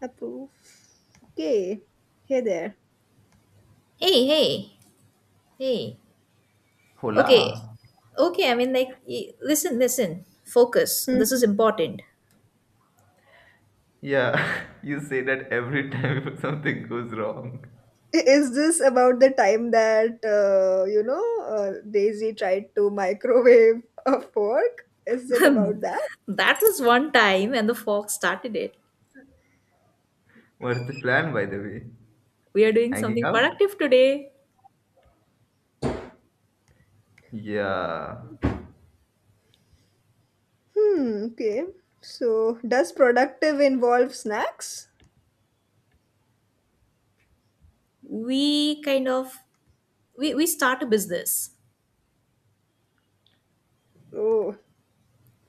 Approve. Okay. Hey there. Hey, hey, hey. Okay, Hola. okay. Listen, listen. Focus. This Hmm. is important. Yeah, you say that every time if something goes wrong. Is this about the time that, Daisy tried to microwave a fork? Is it about that? That was one time, and the fox started it. What's the plan, by the way? We are doing Hanging something out? productive today. Yeah. Hmm. Okay. So, does productive involve snacks? We kind of we start a business. Oh,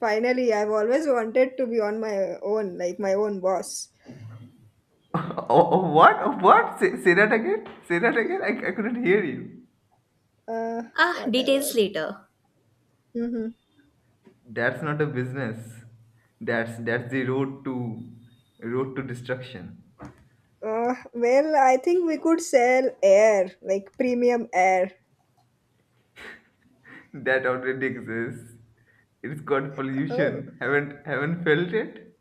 finally, I've always wanted to be on my own, like my own boss. Oh, what? Oh, what? Say that again. Say that again. I couldn't hear you. Uh, Ah, details Whatever. later. Mm-hmm. That's not a business. That's the road to destruction. Well, I think we could sell air, like premium air. That already exists. It's called Oh. pollution. Haven't felt it?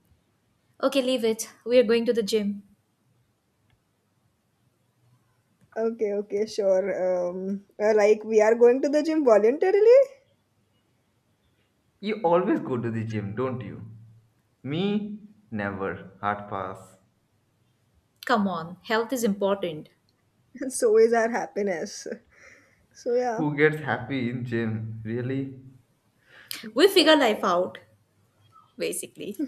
Okay, leave it. We are going to the gym. Okay, okay, sure. Like we are going to the gym voluntarily, You always go to the gym, don't you? Me, never. Hard pass. Come on, health is important. so is our happiness. So yeah, Who gets happy in gym? Really? We figure life whatever. out, basically.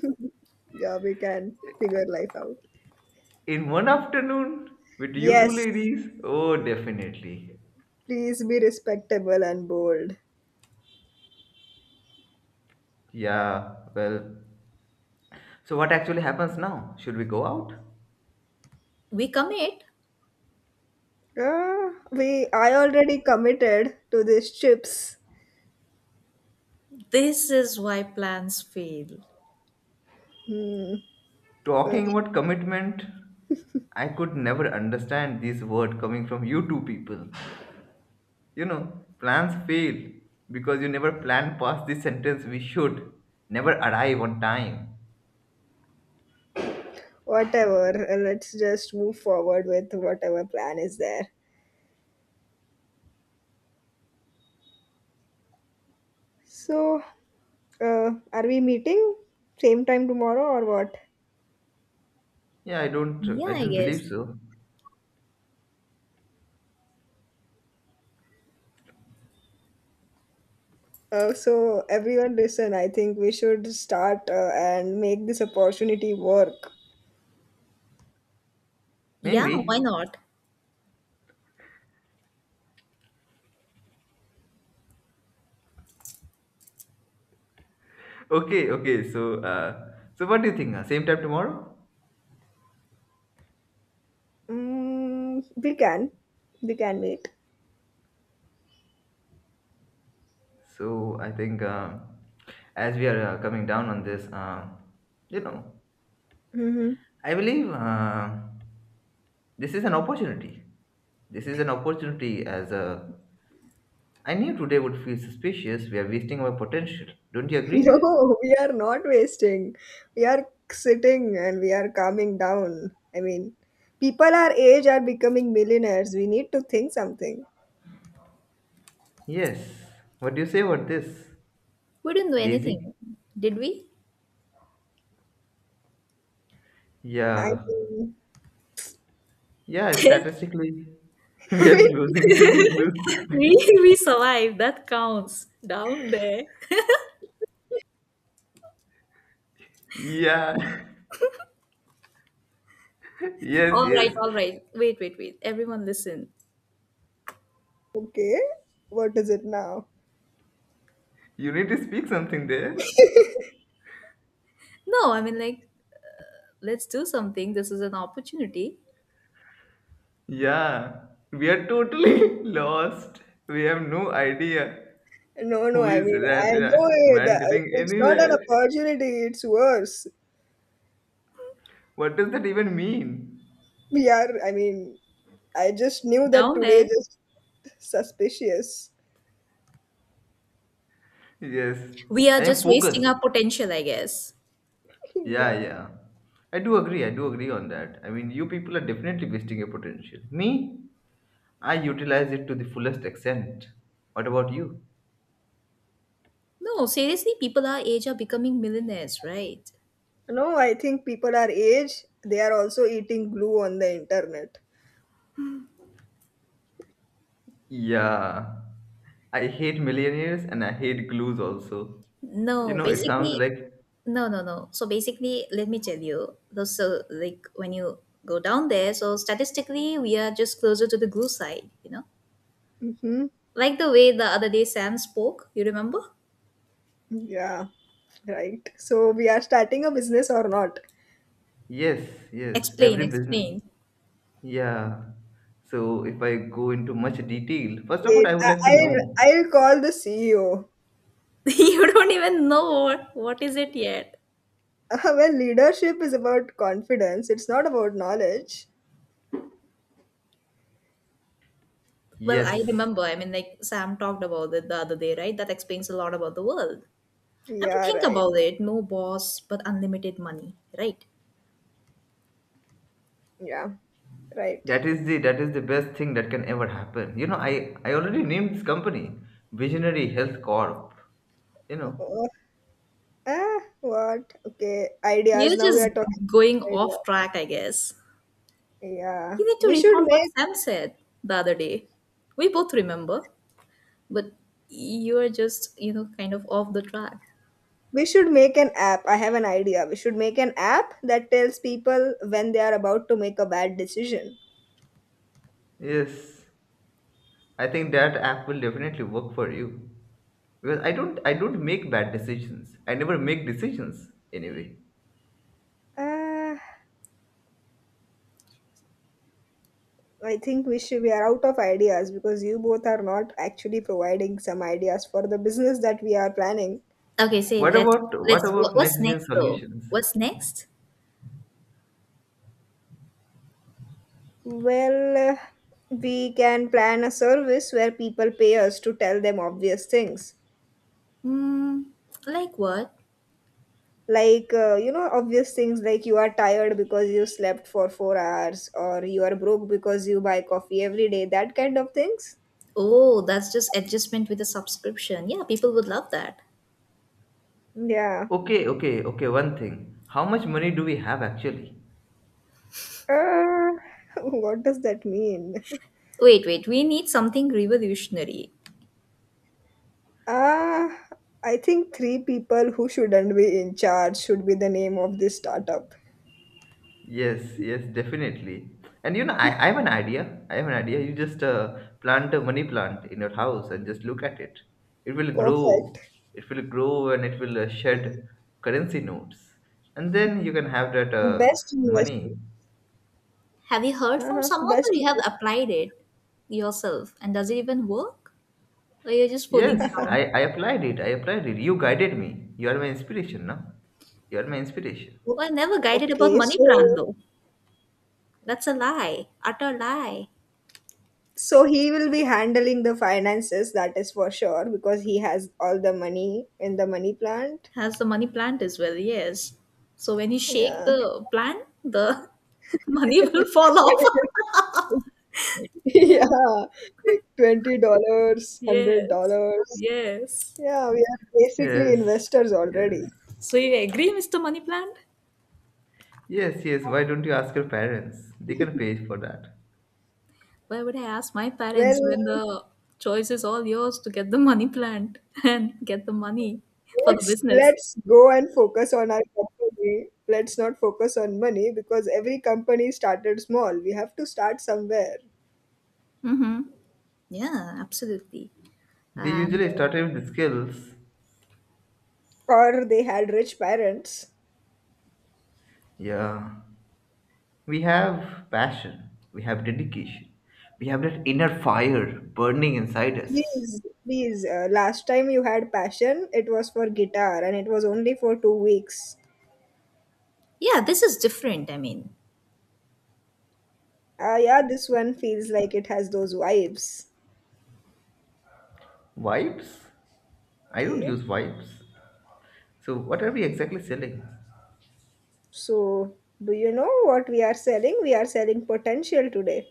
Yeah, we can figure life out. In one afternoon? With you two Yes, ladies? Oh, definitely. please be respectable and bold. Yeah, well. So, what actually happens now? Should we go out? We commit. We I already committed to these chips. This is why plans fail. Hmm. uh, Talking about commitment, I could never understand this word coming from you two people. You know, plans fail because you never plan past this sentence we should never arrive on time. Whatever. Let's just move forward with whatever plan is there. So, are we meeting same time tomorrow or what? Yeah, I don't I Yeah, I don't believe guess. so. So everyone listen, I think we should start and make this opportunity work. Yeah, why Maybe. not? Okay. So, so what do you think? Same time tomorrow? Mm, we can. We can wait. So I think as we are coming down on this, you know, Hmm. I believe this is an opportunity. This is an opportunity. As a, I knew today would feel suspicious. We are wasting our potential. Don't you agree? There? No, we are not wasting. We are sitting and we are calming down. I mean, people our age are becoming millionaires. We need to think something. Yes. What do you say about this, We didn't do anything, Daisy? did we? I Yeah, mean, yeah. Statistically, we I are mean, closing to the we glue. we survived. That counts down there. yeah. yes, All yes. right, all right. Wait. Everyone listen. okay, what is it now? You need to speak something there. No, I mean, like, Let's do something. This is an opportunity. Yeah, we are totally lost. We have no idea No, no, who I is mean, I know it. wandering It's not an anywhere. opportunity, it's worse. What does that even mean? We are, I mean, I just knew that Down today there, just suspicious. Yes, we are I am just focused. wasting our potential, I guess. Yeah, Yeah. yeah. I do agree. I do agree on that. I mean, you people are definitely wasting your potential. Me, I utilize it to the fullest extent. What about you? No, seriously, people our age are becoming millionaires, right? No, I think people our age, they are also eating glue on the internet. Yeah. I hate millionaires and I hate glues also. You No, know, it Okay. sounds basically, like no. So basically, let me tell you. So like when you go down there, so statistically, we are just closer to the glue side, you know. Mm-hmm. Like the way the other day Sam spoke, you remember? Yeah, right. So we are starting a business or not? yes, yes, Explain, every business. explain. Yeah. So if I go into much detail, first of all, Wait, I would I, like to I'll, know. I'll call the CEO. You don't even know what is it yet. Well, leadership is about confidence. It's not about knowledge. Well, I Yes, remember. I mean, like Sam talked about it the other day, right? That explains a lot about the world. I mean, Yeah, think right. about it. No boss, but unlimited money, right? Yeah, right. That is the best thing that can ever happen. You know, I already named this company Visionary Health Corp. You Oh, know, oh, oh. Ah, what? Okay, ideas. You're Now we are just talking going idea. off track, I guess. Yeah, You need to we should recall what make Sam said the other day. We both remember, but you are just, you know, kind of off the track. We should make an app. I have an idea. We should make an app that tells people when they are about to make a bad decision. yes, I think that app will definitely work for you because I don't make bad decisions. I never make decisions anyway. Uh, I think we are out of ideas because you both are not actually providing some ideas for the business that we are planning. Okay, say What Let's about what what, about what's next gen next though? solutions? What's next? Well, uh, we can plan a service where people pay us to tell them obvious things. Hmm, like what? Like, obvious things like you are tired because you slept for 4 hours or you are broke because you buy coffee every day, that kind of things. Oh, that's just adjustment with a subscription. Yeah, people would love that. Yeah. Okay. One thing. How much money do we have actually? Uh, what does that mean? Wait, we need something revolutionary. Uh, I think three people who shouldn't be in charge should be the name of this startup. Yes, yes, definitely. And you know, I have an idea. I have an idea. You just plant a money plant in your house and just look at it. It will Perfect. grow. It will grow and it will shed currency notes. And then you can have that Best money. investment. Have you heard from Uh-huh. someone or Best. you have applied it yourself? And does it even work? Or you're just fooling Yes, Investment. around? I, I applied it. I applied it. You guided me. You are my inspiration, no? You are my inspiration. O- Well, I never guided about Okay, money plan so though. That's a lie, utter lie. He will be handling the finances, that is for sure, because he has all the money in the money plant. Has the money plant as well, yes. So when you shake Yeah. the plant, the money will fall But off. it is- yeah, Yeah. like $20, hundred Yes, dollars. yes. Yeah, we are basically Yes, investors yes. already. So you agree, Mr. Money Plant? Yes, yes. Why don't you ask your parents? They can pay for that. Why would I ask my parents Well, when the choice is all yours to get the money plant and get the money for the let's business? let's go and focus on our company. Let's not focus on money because every company started small. We have to start somewhere. Mm-hmm. Yeah, absolutely. They And usually started with the skills. Or they had rich parents. Yeah. We have passion, we have dedication, we have that inner fire burning inside us. Please, please. Last time you had passion, it was for guitar and it was only for 2 weeks. yeah, this is different. I mean, Ah, yeah, this one feels like it has those vibes. Vibes? I don't Okay. use vibes. So, what are we exactly selling? So, do you know what we are selling? We are selling potential today.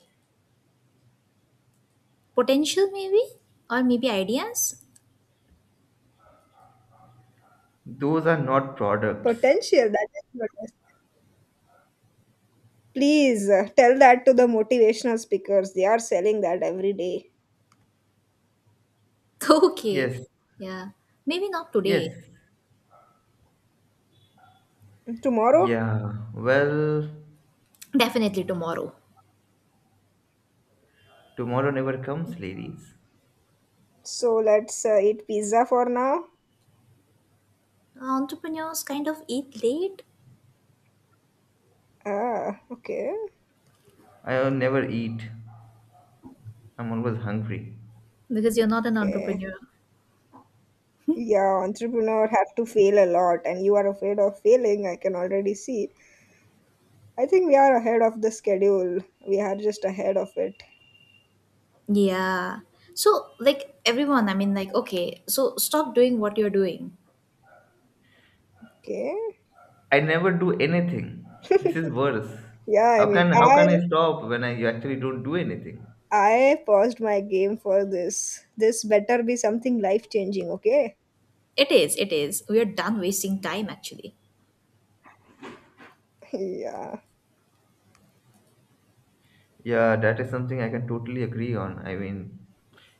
potential maybe, or maybe ideas. Those are not products. Potential, that is what I s- Please tell that to the motivational speakers. They are selling that every day. Okay. Yes, Yeah. Maybe not yes, today. Tomorrow? yeah. Well, Definitely tomorrow. tomorrow never comes, ladies. So let's eat pizza for now. Entrepreneurs kind of eat late Ah, okay. I never eat. I'm always hungry. because you're not an Okay. entrepreneur. Yeah, entrepreneur have to fail a lot and you are afraid of failing, I can already see. I think we are ahead of the schedule. We are just ahead of it. Yeah. So, like everyone, I mean, like, okay, so stop doing what you're doing. Okay. I never do anything. This is worse. Yeah, I How mean, can how I can I stop when I actually don't do anything? I paused my game for this. This better be something life changing, okay? It is, it is. We are done wasting time actually. Yeah. Yeah, that is something I can totally agree on. I mean,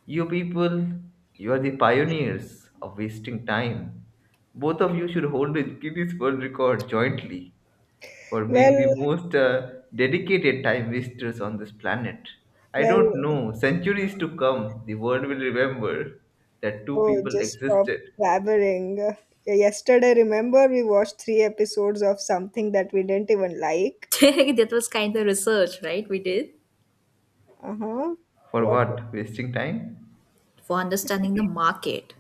you people, you are the pioneers of wasting time. Both of you should hold the Guinness World Record jointly for being the Well, most dedicated time wasters on this planet. I well, don't know, centuries to come, the world will remember that two oh, people just stop existed. blabbering. Yesterday, remember, we watched three episodes of something that we didn't even like. That was kind of research, right? We did Uh huh. For What? what? Wasting time? for understanding the market.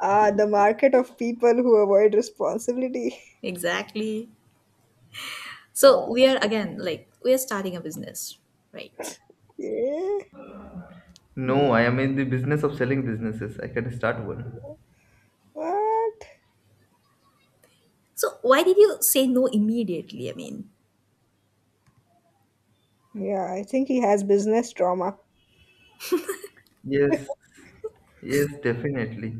Ah, the market of people who avoid responsibility. Exactly. So, Yeah. we are so- again, like, we are starting a business, right? Yeah. Hmm. No, I am in the business of selling businesses. I can start one. What? So, why did you say no immediately? I mean, Yeah, I think he has business trauma. Yes, yes, definitely.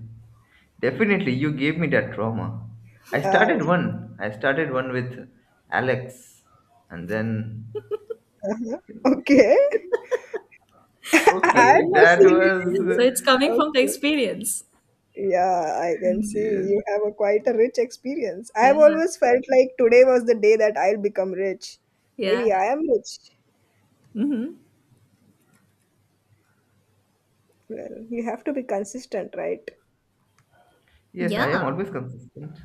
Definitely, you gave me that trauma. I Oh, started one. I started one with Alex, and then okay. I okay, okay. that personally. So was it's coming from the Okay. experience. Yeah, I can see yes, you have a quite a rich experience. I Yeah. have always felt like today was the day that I'll become rich. Maybe Yeah. I am rich. Mm-hmm. Well, you have to be consistent, right? yes. I Yeah. am always consistent.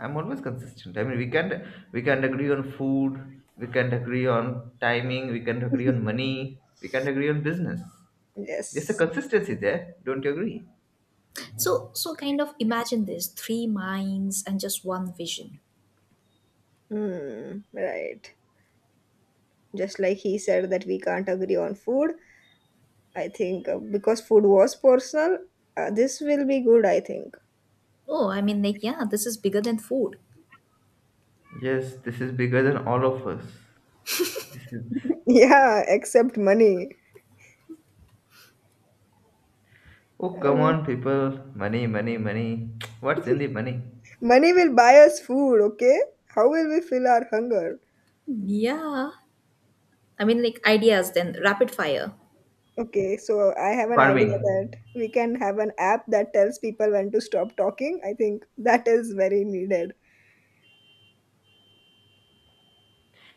I'm always consistent. I mean, we can't agree on food. We can't agree on timing. We can't agree on money. We can't agree on business. There's a Yes. consistency there. Don't you agree? So so kind of imagine this three minds and just one vision. Hmm. Right. Just like he said that we can't agree on food, I think because food was personal, this will be good, I think. Oh, I mean like yeah, this is bigger than food. Yes, this is bigger than all of us. This is Yeah, except money. oh I come mean, on, people! Money, money, money. What's in the money? money will buy us food, okay? How will we fill our hunger? Yeah. I mean like ideas then rapid fire. Okay, so I have an idea Farming. that we can have an app that tells people when to stop talking. I think that is very needed.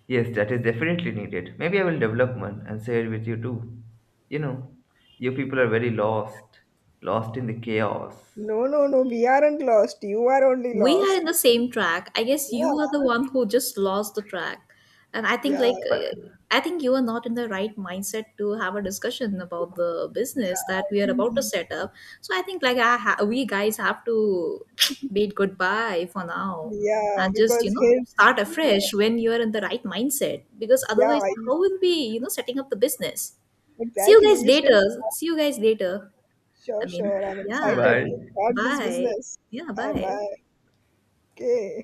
Yes, that is definitely needed. Maybe I will develop one and share with you too. You know, you people are very lost, lost in the chaos. No, no, no, we aren't lost. You are only We are lost. in the same track. I guess Yeah, you are the one who just lost the track. And I think yeah, like But I think you are not in the right mindset to have a discussion about the business that we are about to Mhm. set up. So I think like we guys have to bid goodbye for now yeah, and just, you because know, here, start yeah, afresh when you are in the right mindset because yeah, otherwise you- how will we, you know, setting up the business? See you exactly. guys You still, later. See you guys later. I Sure, mean, sure. I'm yeah. excited bye. to start this Bye. business. Yeah, Bye bye. bye. Okay.